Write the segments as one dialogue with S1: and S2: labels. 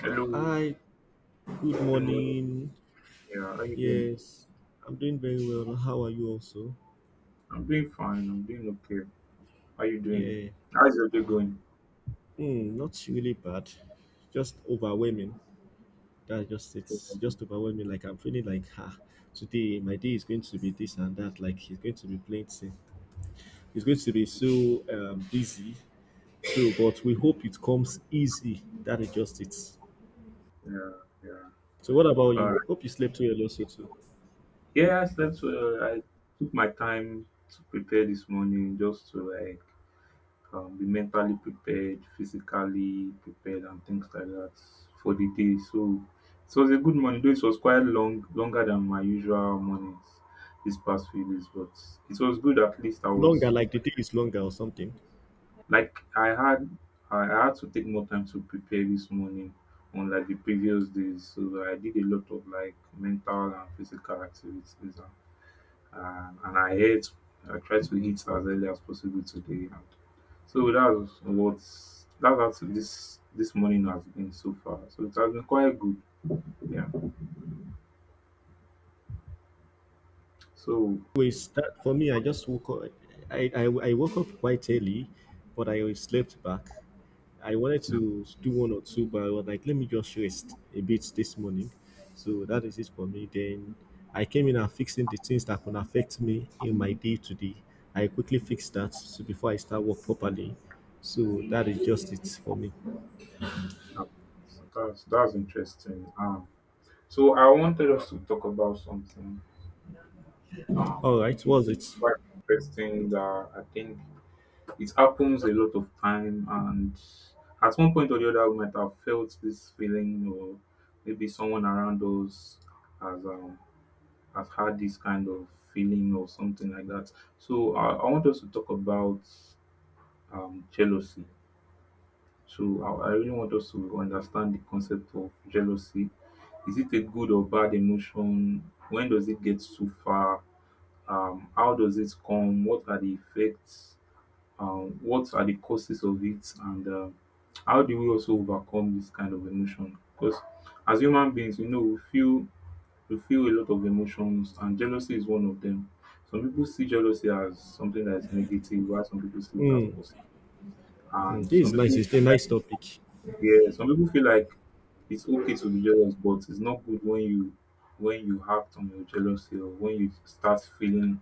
S1: Hello,
S2: Hi, good
S1: good morning.
S2: morning.
S1: Yeah, how you doing?
S2: Yes, I'm doing very well. How are you also?
S1: I'm doing fine. I'm doing okay. How you doing?
S2: Yeah,
S1: How's your day going?
S2: not really bad. Just overwhelming. That just
S1: Yeah,
S2: it's just overwhelming. Like I'm feeling like today my day is going to be this and that. Like it's going to be plenty. It's going to be so busy. So, but we hope it comes easy. That is just it.
S1: yeah.
S2: So, what about
S1: All right.
S2: you? Hope you slept well also too.
S1: Yes, that's. Slept well. I took my time to prepare this morning, just to like be mentally prepared, physically prepared, and things like that for the day. So it was a good morning. Though it was quite long, longer than my usual mornings these past few days, but it was good. At least I
S2: Longer,
S1: was.
S2: like the day is longer or something.
S1: Like I had to take more time to prepare this morning unlike the previous days. So I did a lot of like mental and physical activities and I tried to eat as early as possible today and so that's what this morning has been so far. So it has been quite good. Yeah. So
S2: Always that for me, I just woke up. I, I I woke up quite early, but I slept back. I wanted to do one or two, but I was like, let me just rest a bit this morning. So that is it for me. Then I came in and fixing the things that could affect me in my day to day. I quickly fixed that so before I start work properly. So that is just it for me.
S1: uh, that's interesting. So I wanted us to talk about something um
S2: All right, was it?
S1: quite interesting that I think it happens a lot of time and at one point or the other we might have felt this feeling, or maybe someone around us has um has had this kind of feeling or something like that. So I want us to talk about jealousy. So I really want us to understand the concept of jealousy. Is it a good or bad emotion? When does it get too far? How does it come? What are the effects? What are the causes of it, and how do we also overcome this kind of emotion? Because as human beings, you know, we feel a lot of emotions, and jealousy is one of them. Some people see jealousy as something that is negative, while some people see it as positive,
S2: Mm,
S1: and
S2: this
S1: some
S2: is nice,
S1: people,
S2: it's a nice topic.
S1: yeah, some people feel like it's okay to be jealous, but it's not good when you, when you act on your jealousy, or when you start feeling,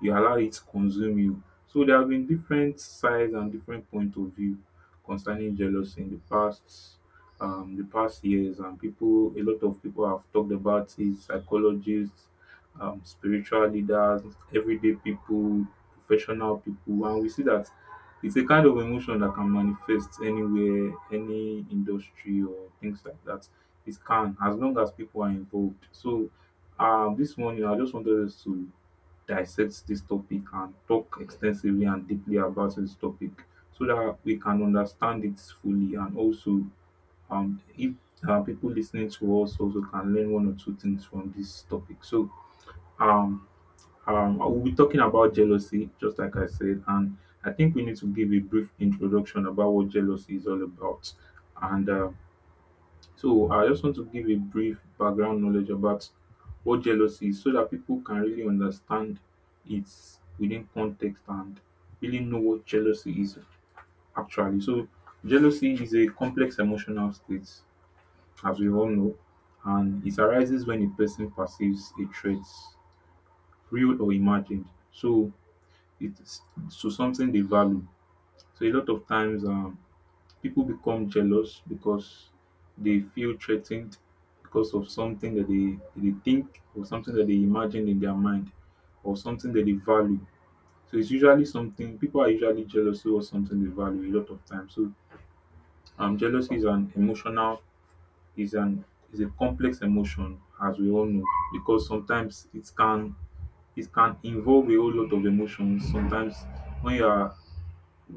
S1: you allow it to consume you. So there have been different sides and different point of view concerning jealousy in the past, the past years, and people, a lot of people have talked about it: psychologists, spiritual leaders, everyday people, professional people, and we see that it's a kind of emotion that can manifest anywhere, any industry or things like that. It can, as long as people are involved. So, this morning I just wanted us to dissect this topic and talk extensively and deeply about this topic so that we can understand it fully, and also if people listening to us also can learn one or two things from this topic. So, um, I will be talking about jealousy, just like I said, and I think we need to give a brief introduction about what jealousy is all about. And so, I just want to give a brief background knowledge about what jealousy is so that people can really understand it within context and really know what jealousy is actually. So, jealousy is a complex emotional state, as we all know, and it arises when a person perceives a threat, real or imagined. So, it's to something they value. So a lot of times, people become jealous because they feel threatened because of something that they think, or something that they imagine in their mind, or something that they value. So it's usually something, people are usually jealous of something they value a lot of times. So jealousy is an emotional, is an is a complex emotion, as we all know, because sometimes it can, it can involve a whole lot of emotions. Sometimes when you are,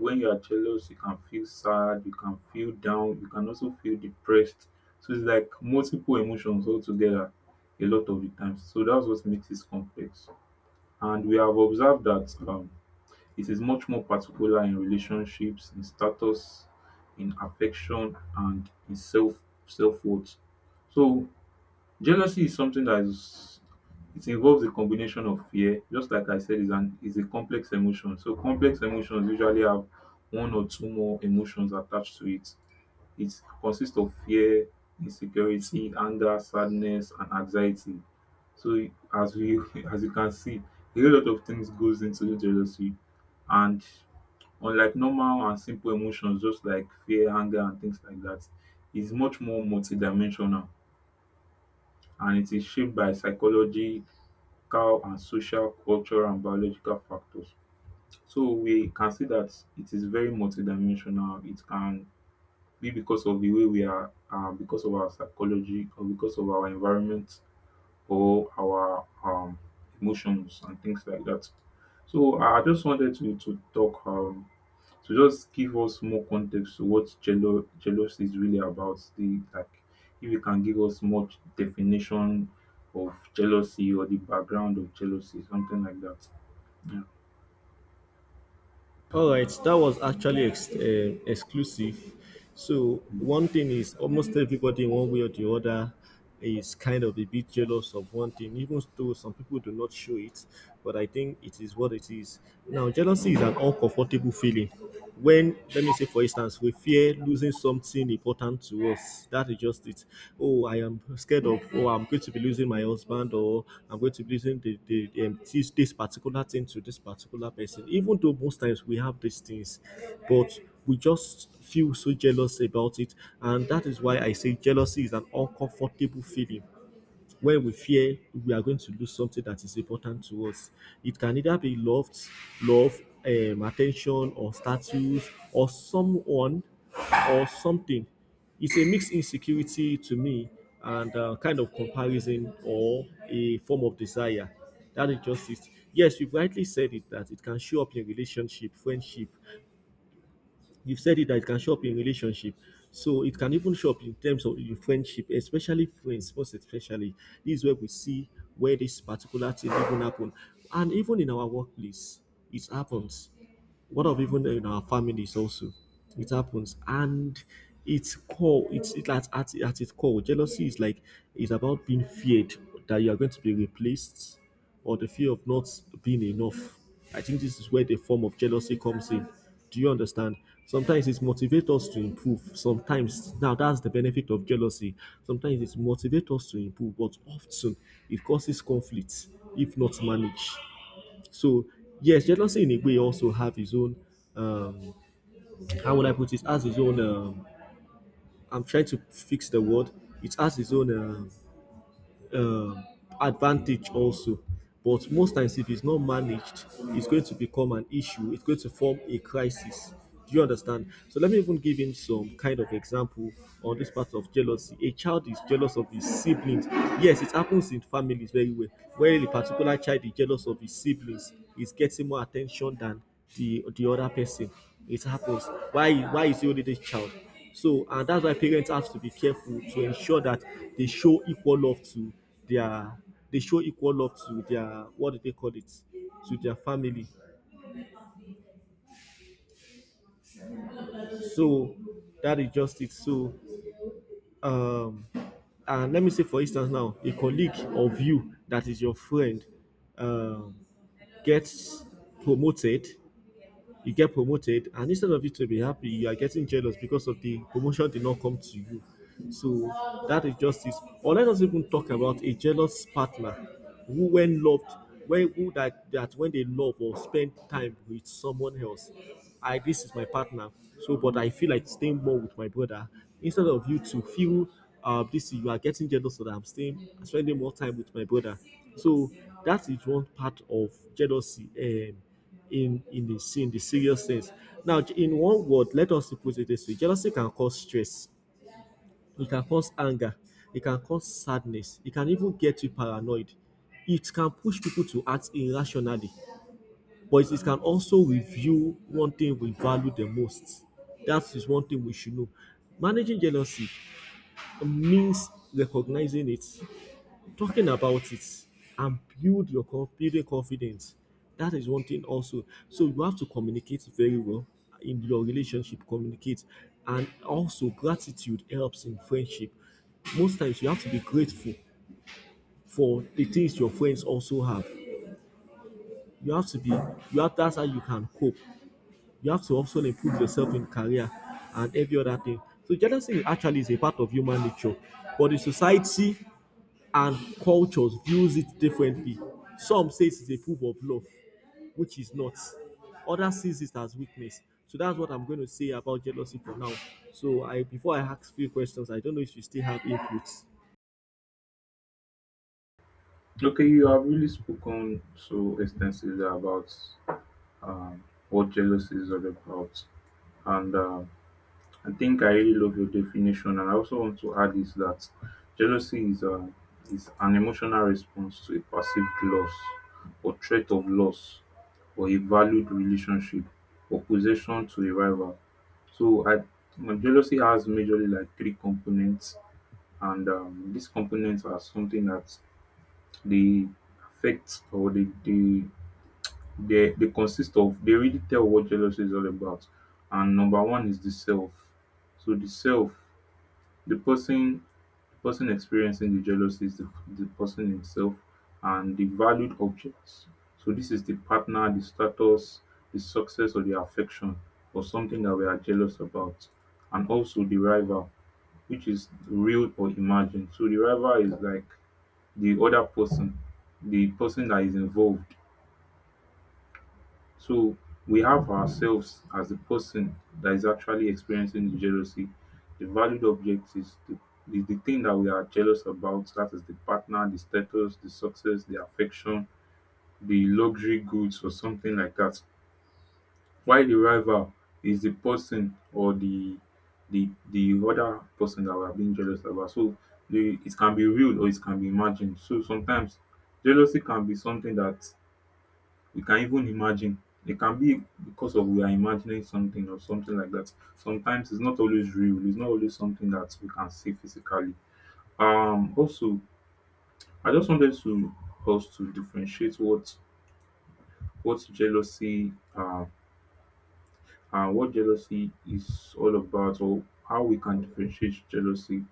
S1: when you are jealous, you can feel sad, you can feel down, you can also feel depressed. So it's like multiple emotions all together, a lot of the times. So that's what makes it complex. And we have observed that it is much more particular in relationships, in status, in affection, and in self worth. So jealousy is something that is, it involves a combination of fear, just like I said, is an, is a complex emotion. So complex emotions usually have one or two more emotions attached to it. It consists of fear, insecurity, anger, sadness, and anxiety. So as we as you can see, a whole lot of things goes into jealousy, and unlike normal and simple emotions, just like fear, anger, and things like that, is much more multidimensional, and it is shaped by psychological and social, cultural and biological factors. So we can see that it is very multidimensional. It can be because of the way we are, because of our psychology, or because of our environment, or our emotions and things like that. So I just wanted to talk to just give us more context to what jealousy is really about. The, like, if you can give us more definition of jealousy or the background of jealousy, something like that. Yeah.
S2: All right, that was actually exclusive. So
S1: Mm.
S2: one thing is, almost everybody in one way or the other is kind of a bit jealous of one thing, even though some people do not show it. But I think it is what it is. Now, jealousy is an uncomfortable feeling. When, let me say, for instance, we fear losing something important to us. That is just it. Oh, I am scared of, oh, I'm going to be losing my husband, or I'm going to be losing the this, this particular thing to this particular person. Even though most times we have these things, but we just feel so jealous about it. And that is why I say jealousy is an uncomfortable feeling when we fear we are going to lose something that is important to us. It can either be loved, love, attention, or status, or someone, or something. It's a mixed insecurity to me, and kind of comparison or a form of desire. That is just it. Yes, you've rightly said it that it can show up in relationship, friendship. You've said it that it can show up in relationship, so it can even show up in terms of in friendship, especially friends, most especially. This is where we see where this particular thing even happen. And even in our workplace it happens. What of even in our families also, it happens. And it's core it's it, at its core, jealousy is like, it's about being feared that you are going to be replaced or the fear of not being enough. I think this is where the form of jealousy comes in. Do you understand? Sometimes it motivates us to improve. Sometimes, now that's the benefit of jealousy. Sometimes it motivates us to improve, but often it causes conflicts if not managed. So, yes, jealousy in a way also have its own. Um, how would I put it? Has its own. I'm trying to fix the word. It has its own. Um, advantage also. But most times, if it's not managed, it's going to become an issue. It's going to form a crisis. Do you understand? So let me even give him some kind of example on this part of jealousy. A child is jealous of his siblings. Yes, it happens in families very well. Where a particular child is jealous of his siblings, is getting more attention than the other person. It happens. Why? Why is he only this child? So, and that's why parents have to be careful to ensure that they show equal love to their, they show equal love to their, what do they call it, to their family. So that is just it. So um and let me say, for instance, now a colleague of you that is your friend um gets promoted, you get promoted, and instead of you to be happy, you are getting jealous because of the promotion did not come to you. So that injustice. Or let us even talk about a jealous partner who, when loved, when who that that when they love or spend time with someone else. I, this is my partner. So, but I feel like staying more with my brother, instead of you to feel this, you are getting jealous that I'm staying spending more time with my brother. So that is one part of jealousy. In the serious sense. Now, in one word, let us put it this way: jealousy can cause stress, it can cause anger, it can cause sadness, it can even get you paranoid. It can push people to act irrationally, but it can also reveal one thing we value the most. That is one thing we should know. Managing jealousy means recognizing it, talking about it, and build your confidence. That is one thing also. So you have to communicate very well in your relationship. Communicate, and also gratitude helps in friendship. Most times you have to be grateful for the things your friends also have. You have to be. You have, that's how you can cope. You have to also improve yourself in career and every other thing. So jealousy actually is a part of human nature, but the society and cultures views it differently. Some say it is a proof of love, which is not. Others sees it as weakness. So that's what I'm going to say about jealousy for now. So I, before I ask few questions, I don't know if you still have inputs.
S1: Okay, you have really spoken so extensively about what jealousy is all about, and I think I really love your definition, and I also want to add is that jealousy is a, is an emotional response to a perceived loss, or threat of loss, or a valued relationship or possession to a rival. So I, my jealousy has majorly like 3 components, and these components are something that they affect, or they consist of, they really tell what jealousy is all about. And number one is the self. So the self, the person experiencing the jealousy is the person himself, and the valued objects. So this is the partner, the status, the success, or the affection, or something that we are jealous about. And also the rival, which is real or imagined. So the rival is like the other person, the person that is involved. So we have ourselves as the person that is actually experiencing the jealousy. The valued object is the thing that we are jealous about. That is the partner, the status, the success, the affection, the luxury goods, or something like that. While the rival is the person, or the, the other person that we are being jealous about. So the, it can be real, or it can be imagined. So sometimes jealousy can be something that we can even imagine. It can be because of, we are imagining something, or something like that. Sometimes it's not always real. It's not always something that we can see physically. Also, I just wanted to, us to differentiate what jealousy and what jealousy is all about, or how we can differentiate jealousy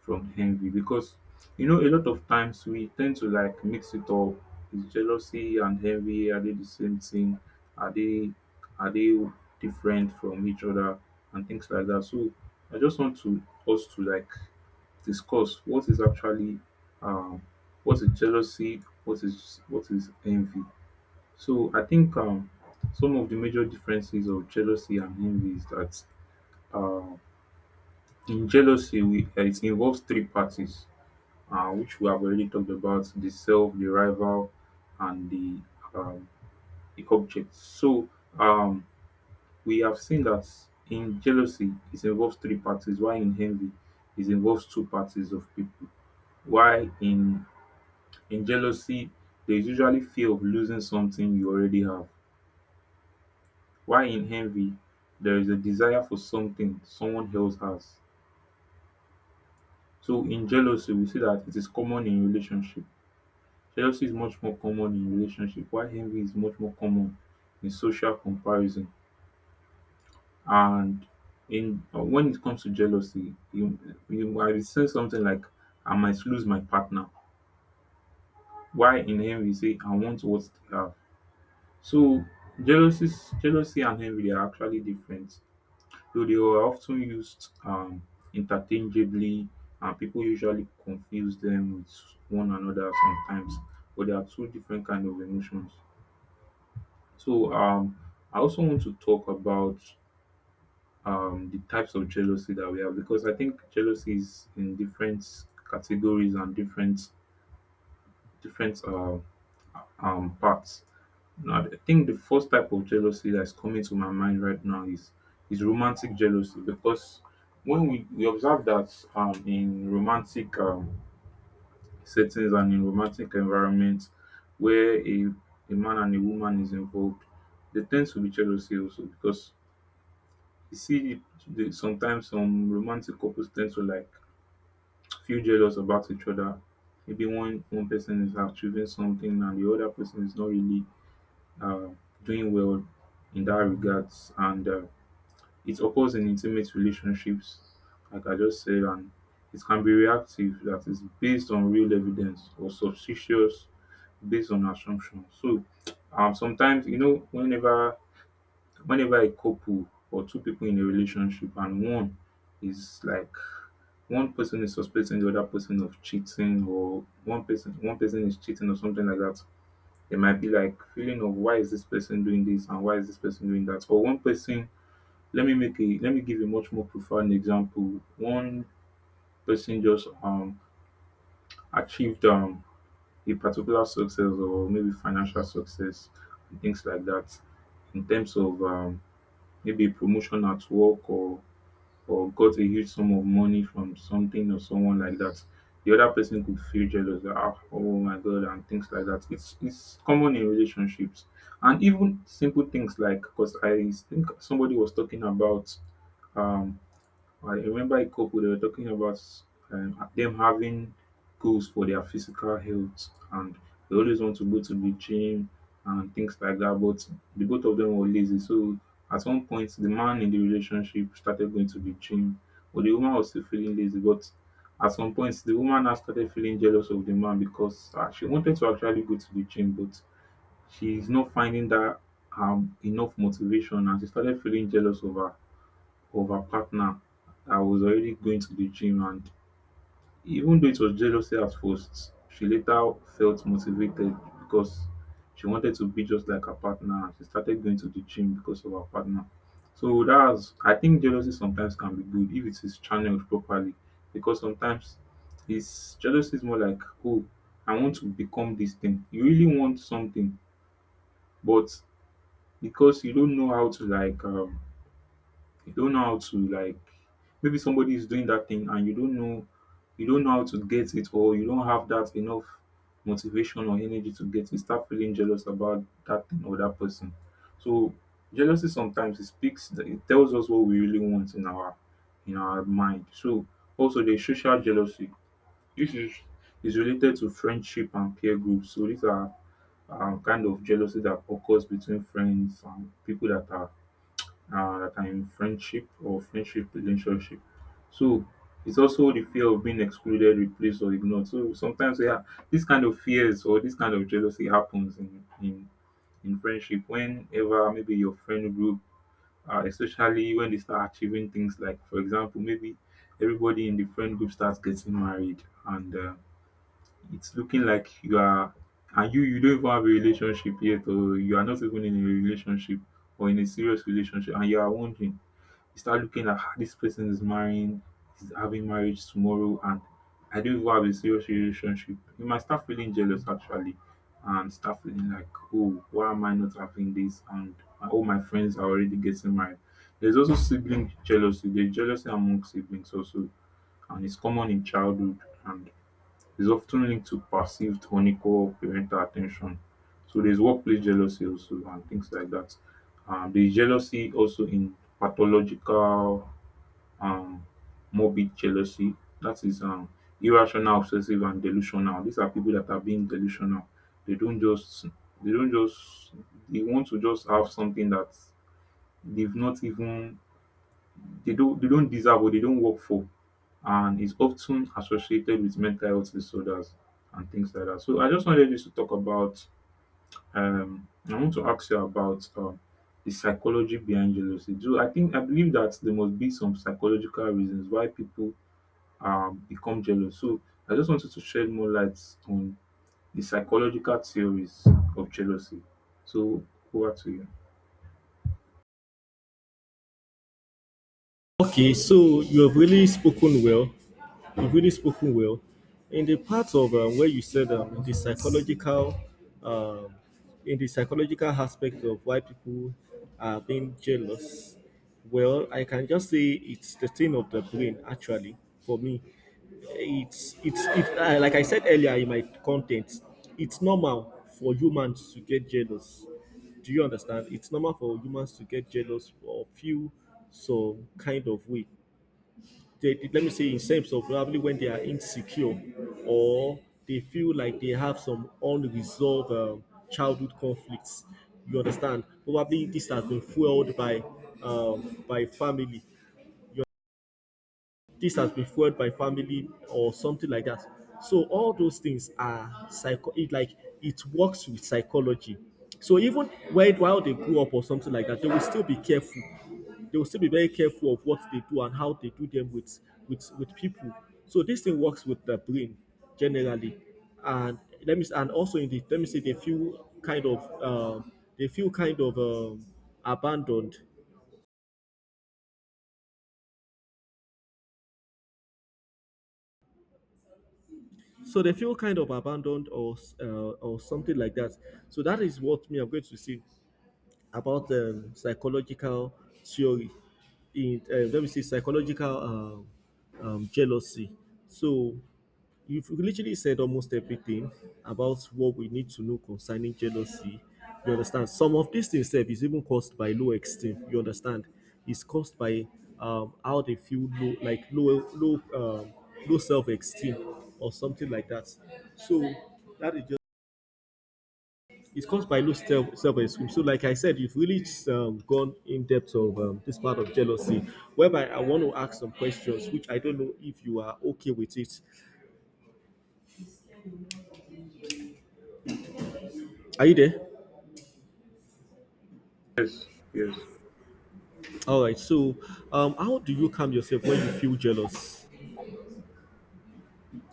S1: from envy. Because, you know, a lot of times we tend to like mix it up. Is jealousy and envy, are they the same thing? Are they, are they different from each other and things like that? So I just want to, us to like discuss what is actually um what is jealousy, what is, what is envy. So I think some of the major differences of jealousy and envy is that uh, in jealousy, we, it involves 3 parties, which we have already talked about: the self, the rival, and um, the object. So um, we have seen that in jealousy, it involves three parties. Why in envy, it involves 2 parties of people. Why in jealousy, there is usually fear of losing something you already have. While in envy, there is a desire for something someone else has. So in jealousy, we see that it is common in relationship. Jealousy is much more common in relationship, while envy is much more common in social comparison. And in when it comes to jealousy, you might say something like, I might lose my partner. While in envy, you say, I want what they have. So jealousy, jealousy and envy are actually different, though they were often used interchangeably, and people usually confuse them with one another sometimes, but they are two different kind of emotions. So I also want to talk about the types of jealousy that we have, because I think jealousy is in different categories and different, different parts. Now, I think the first type of jealousy that's coming to my mind right now is romantic jealousy. Because when we observe that in romantic settings and in romantic environments where a man and a woman is involved, there tends to be jealousy also because you see it-, the, sometimes some romantic couples tend to like feel jealous about each other. Maybe one person is achieving something and the other person is not really uh, doing well in that regards and it occurs in intimate relationships like I just said, and it can be reactive, that is based on real evidence, or suspicious based on assumption. Sometimes, you know, whenever a couple or two people in a relationship and one is like, one person is suspecting the other person of cheating, or one person is cheating or something like that, there might be like feeling of why is this person doing this and why is this person doing that? Or one person, let me give a much more profound example. One person just achieved a particular success or maybe financial success and things like that, in terms of maybe promotion at work, or got a huge sum of money from something or someone like that, the other person could feel jealous that, "Ah, oh my God," and things like that. It's common in relationships, and even simple things like, because I think somebody was talking about, um I remember a couple, they were talking about, them having goals for their physical health, and they always want to go to the gym and things like that. But the both of them were lazy. So at one point, the man in the relationship started going to the gym, but the woman was still feeling lazy. But at some point, the woman now started feeling jealous of the man because she wanted to actually go to the gym, but she's not finding that enough motivation, and she started feeling jealous of her, of her partner that was already going to the gym. And even though it was jealousy at first, she later felt motivated because she wanted to be just like her partner, and she started going to the gym because of her partner. So that's, I think jealousy sometimes can be good if it is channeled properly, because sometimes it's, jealousy is more like, oh, I want to become this thing. You really want something, but because you don't know how to like, you don't know how to like, maybe somebody is doing that thing and you don't know, you don't know how to get it, or you don't have that enough motivation or energy to get it, you start feeling jealous about that thing or that person. So jealousy sometimes, it speaks, it tells us what we really want in our, in our mind. So also the social jealousy. This is related to friendship and peer groups. So these are, kind of jealousy that occurs between friends and people that are in friendship or friendship relationship. So it's also the fear of being excluded, replaced, or ignored. So sometimes, yeah, this kind of fears or this kind of jealousy happens in friendship whenever, maybe your friend group, especially when they start achieving things like, for example, maybe everybody in the friend group starts getting married, and it's looking like you are, and you don't even have a relationship yet, or you are not even in a relationship or in a serious relationship, and you are wondering, you start looking at, "Ah, this person is marrying, is having marriage tomorrow, and I don't even have a serious relationship." You might start feeling jealous actually, and start feeling like, oh, why am I not having this? And all my friends are already getting married. There's also sibling jealousy. There's jealousy among siblings also, and it's common in childhood, and is often linked to perceived unequal parental attention. So there's workplace jealousy also and things like that. There's jealousy also in pathological, um morbid jealousy, that is, irrational, obsessive, and delusional. These are people that are being delusional. They don't just they don't just they want to just have something that they've not even, they don't deserve or they don't work for, and is often associated with mental health disorders and things like that. So I just wanted us to talk about, I want to ask you about, the psychology behind jealousy. Do I think, I believe that there must be some psychological reasons why people become jealous. So I just wanted to shed more light on the psychological theories of jealousy. So over to you.
S2: Okay, so you have really spoken well. You've really spoken well. In the part of where you said the psychological, um, in the psychological aspect of why people are being jealous, well, I can just say it's the thing of the brain. Actually, for me, it's like I said earlier in my content, it's normal for humans to get jealous. Do you understand? It's normal for humans to get jealous or feel some kind of way. They, let me say in terms of probably when they are insecure or they feel like they have some unresolved childhood conflicts, you understand, probably this has been fueled by um, by family family or something like that. So all those things are psycho. It like it works with psychology. So even when, while they grew up or something like that, they will still be careful. They will still be very careful of what they do and how they do them with people. So this thing works with the brain generally, and also in the, let me say, they feel kind of they feel kind of um, abandoned. So they feel kind of abandoned or or something like that. So that is what me, I'm going to see about psychological theory in let me see, psychological jealousy. So you've literally said almost everything about what we need to know concerning jealousy. You understand? Some of these things sef is even caused by low esteem. You understand? It's caused by how they feel low, like low self-esteem or something like that. So that is just, it's caused by low self esteem. So, like I said, you've really gone in depth of this part of jealousy, whereby I want to ask some questions, which I don't know if you are okay with it. Are you there?
S1: Yes, yes.
S2: All right. So, how do you calm yourself when you feel jealous?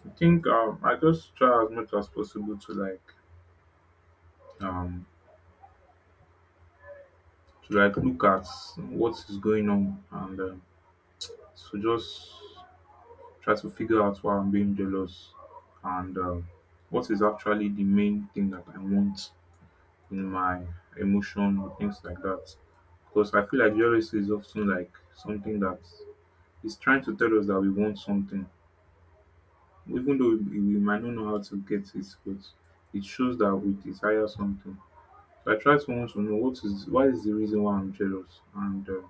S1: I think, I just try as much as possible to like, um to like look at what is going on, and to just try to figure out why I'm being jealous, and what is actually the main thing that I want in my emotion or things like that. Because I feel like jealousy is often like something that is trying to tell us that we want something, even though we might not know how to get it, but it shows that we desire something. So I try to want to know what is, why is the reason why I'm jealous, and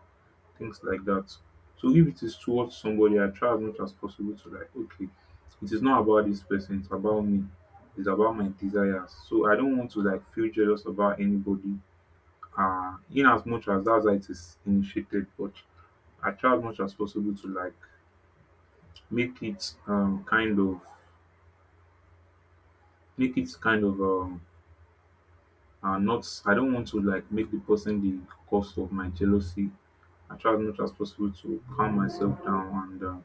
S1: things like that. So if it is towards somebody, I try as much as possible to like, okay, it is not about this person, it's about me. It's about my desires. So I don't want to like feel jealous about anybody, in as much as that's how it is initiated, but I try as much as possible to like make it, kind of make it kind of, not, I don't want to like make the person the cause of my jealousy. I try as much as possible to calm myself down, and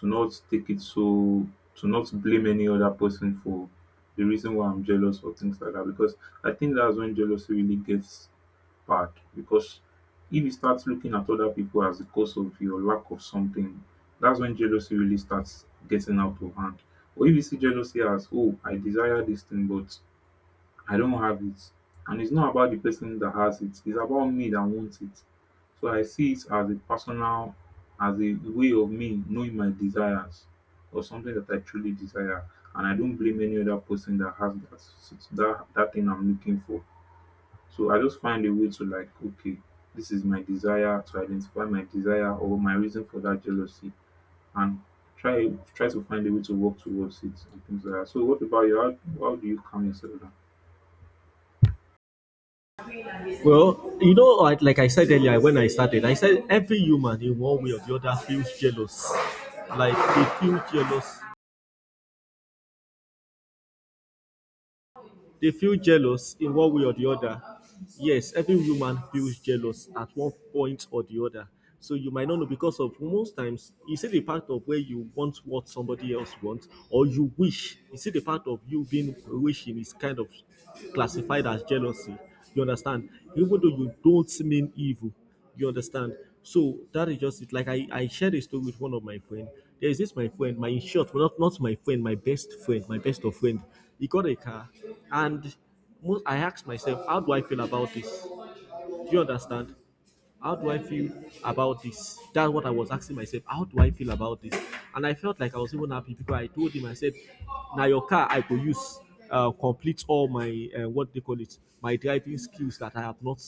S1: to not take it so, to not blame any other person for the reason why I'm jealous or things like that, because I think that's when jealousy really gets back, because if you start looking at other people as the cause of your lack of something, that's when jealousy really starts getting out of hand. Or if you see jealousy as, oh, I desire this thing, but I don't have it. And it's not about the person that has it, it's about me that wants it. So I see it as a personal, as a way of me knowing my desires or something that I truly desire. And I don't blame any other person that has that, that thing I'm looking for. So I just find a way to like, okay, this is my desire, to identify my desire or my reason for that jealousy, and try to find a way to work towards it and things like that. So what about you? How do you calm yourself down?
S2: Well, you know, like I said earlier, when I started, I said every human in one way or the other feels jealous. Like they feel jealous They feel jealous in one way or the other. Yes, every woman feels jealous at one point or the other. So you might not know, because of most times you see the part of where you want what somebody else wants or you wish. You see the part of you being wishing is kind of classified as jealousy. You understand? Even though you don't mean evil, you understand. So that is just it. Like I shared a story with one of my friend. There is this my friend, my, in short, well, not not my friend my best friend, my best of friend, he got a car. And most, I asked myself, how do I feel about this? Do you understand? How do I feel about this? That's what I was asking myself. How do I feel about this? And I felt like I was even happy, because I told him, I said, now your car I could use complete all my what they call it, my driving skills that I have not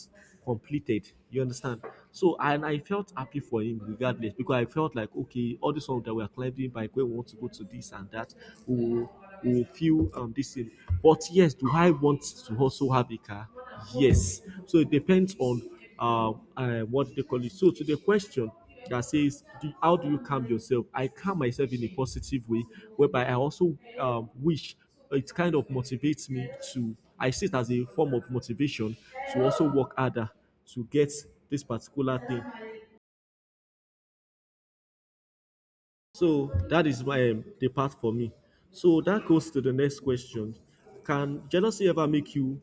S2: completed. You understand? So and I felt happy for him regardless, because I felt like, okay, all this one that we are climbing bike, we want to go to this and that. We will, we will feel this thing. But yes, do I want to also have a car? Yes. So it depends on what they call it. So to the question that says, how do you calm yourself? I calm myself in a positive way, whereby I also wish, it kind of motivates me to. I see it as a form of motivation to also work harder to get this particular thing. So that is my the part for me. So that goes to the next question: can jealousy ever make you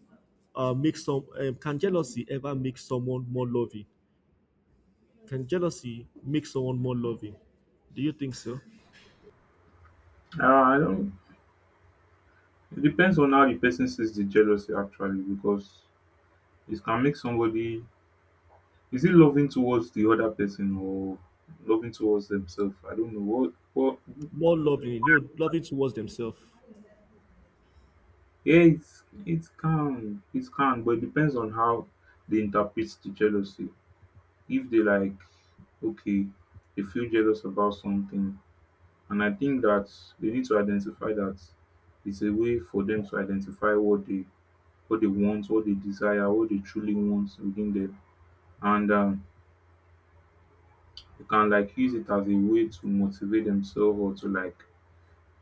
S2: make some? Can jealousy ever make someone more loving? Can jealousy make someone more loving? Do you think so?
S1: I don't, it depends on how the person sees the jealousy actually, because it can make somebody, is it loving towards the other person or loving towards themselves? I don't know what,
S2: More loving, you know, loving towards themselves.
S1: yeah, it's, it can, it can, but it depends on how they interpret the jealousy. If they like, okay, they feel jealous about something, and I think that they need to identify that it's a way for them to identify what they, what they want, what they desire, what they truly want within them. And You can like use it as a way to motivate themselves or to like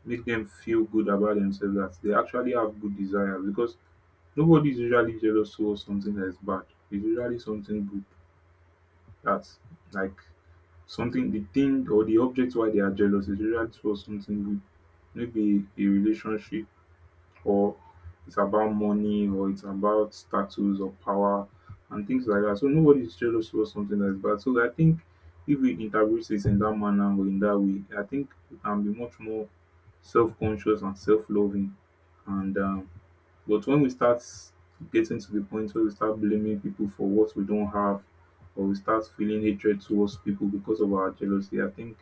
S1: make them feel good about themselves, that they actually have good desire, because nobody is usually jealous towards something that is bad. It's usually something good, that, like, something, the thing or the object why they are jealous is usually for something good, maybe a relationship, or it's about money, or it's about status or power and things like that. So nobody is jealous for something that's bad. So I think if we interpret this in that manner or in that way, I think we can be much more self conscious and self loving. And But when we start getting to the point where we start blaming people for what we don't have, or we start feeling hatred towards people because of our jealousy, I think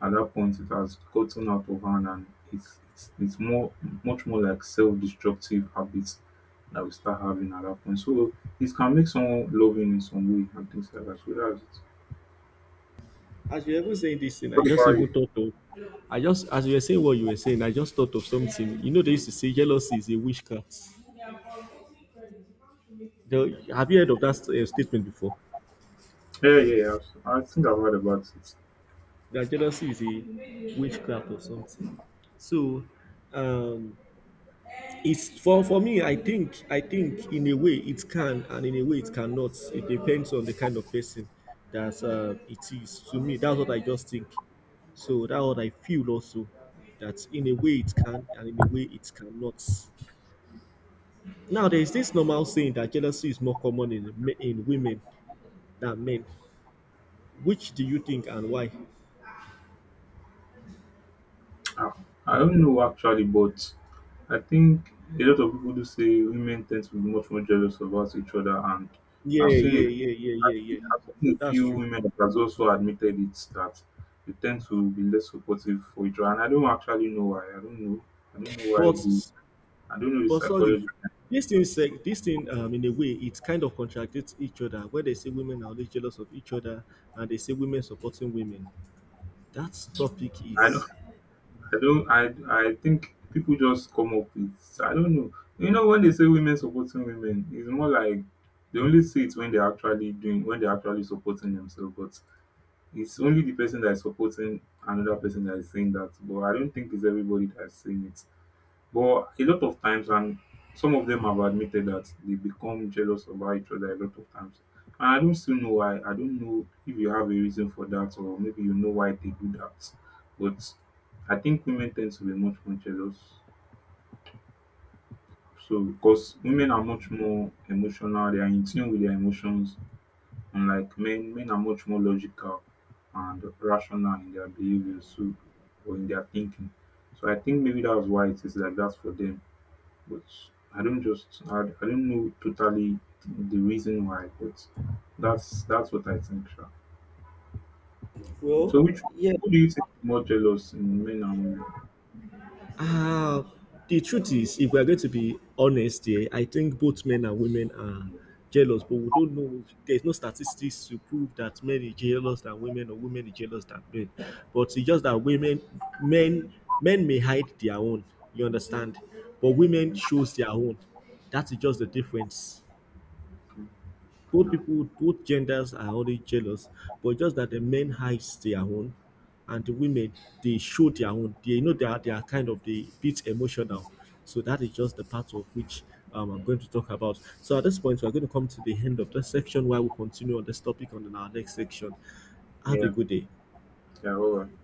S1: at that point it has gotten out of hand, and it's more, much more like self-destructive habits that we start having at that point. So it can make someone loving in some way and things like that. So that's it.
S2: As you even saying this thing, I
S1: What
S2: just
S1: about you?
S2: even thought of, I just as you were saying what you were saying, I just thought of something. You know, they used to say jealousy is a witchcraft. The, have you heard of that statement before?
S1: Yeah, yeah, yeah. I think I've heard about it.
S2: That jealousy is a witchcraft or something. So, um, it's for me. I think in a way it can, and in a way it cannot. It depends on the kind of person that it is. To me, that's what I just think. So that's what I feel also. That in a way it can, and in a way it cannot. Now there is this normal saying that jealousy is more common in women than men. Which do you think and why?
S1: Ah, I don't know actually, but I think a lot of people do say women tend to be much more jealous about each other, and I've
S2: Yeah,
S1: seen
S2: yeah,
S1: it.
S2: yeah, yeah, yeah,
S1: I've
S2: yeah.
S1: seen a
S2: That's
S1: few
S2: true.
S1: women that has also admitted it, that they tend to be less supportive for each other, and I don't actually know why. I don't know. I don't know why.
S2: But
S1: They, I don't know the
S2: But
S1: psychology
S2: sorry,
S1: behind that, but
S2: this thing, in a way, it kind of contradicts each other. When they say women are always jealous of each other, and they say women supporting women, that topic
S1: I
S2: is,
S1: I don't I think people just come up with, I don't know. You know, when they say women supporting women, it's more like they only see it when they're actually doing, when they're actually supporting themselves, but it's only the person that is supporting another person that is saying that. But I don't think it's everybody that's saying it. But a lot of times, and some of them have admitted that they become jealous about each other a lot of times. And I don't still know why. I don't know if you have a reason for that, or maybe you know why they do that. But I think women tend to be much more jealous. So because women are much more emotional, they are in tune with their emotions, unlike men. Men are much more logical and rational in their behavior, so, or in their thinking. So I think maybe that's why it is like that for them, but I don't just, I don't know totally the reason why, but that's what I think. Sure. So
S2: well,
S1: which,
S2: yeah,
S1: who do you think is more jealous in men and women?
S2: Uh, the truth is, if we are going to be honest here, I think both men and women are jealous, but we don't know. There's no statistics to prove that men are jealous than women or women are jealous than men. But it's just that men, men may hide their own. You understand? But women
S1: Mhm.
S2: shows their own. That is just the difference. Both
S1: No.
S2: people, both genders are already jealous, but just that the men hides their own, and the women, they show their own. They, you know, they are kind of they bit emotional. So that is just the part of which I'm going to talk about. So at this point, we're going to come to the end of this section, while we continue on this topic on in our next section. Have a
S1: Yeah.
S2: good day.
S1: Yeah. All right.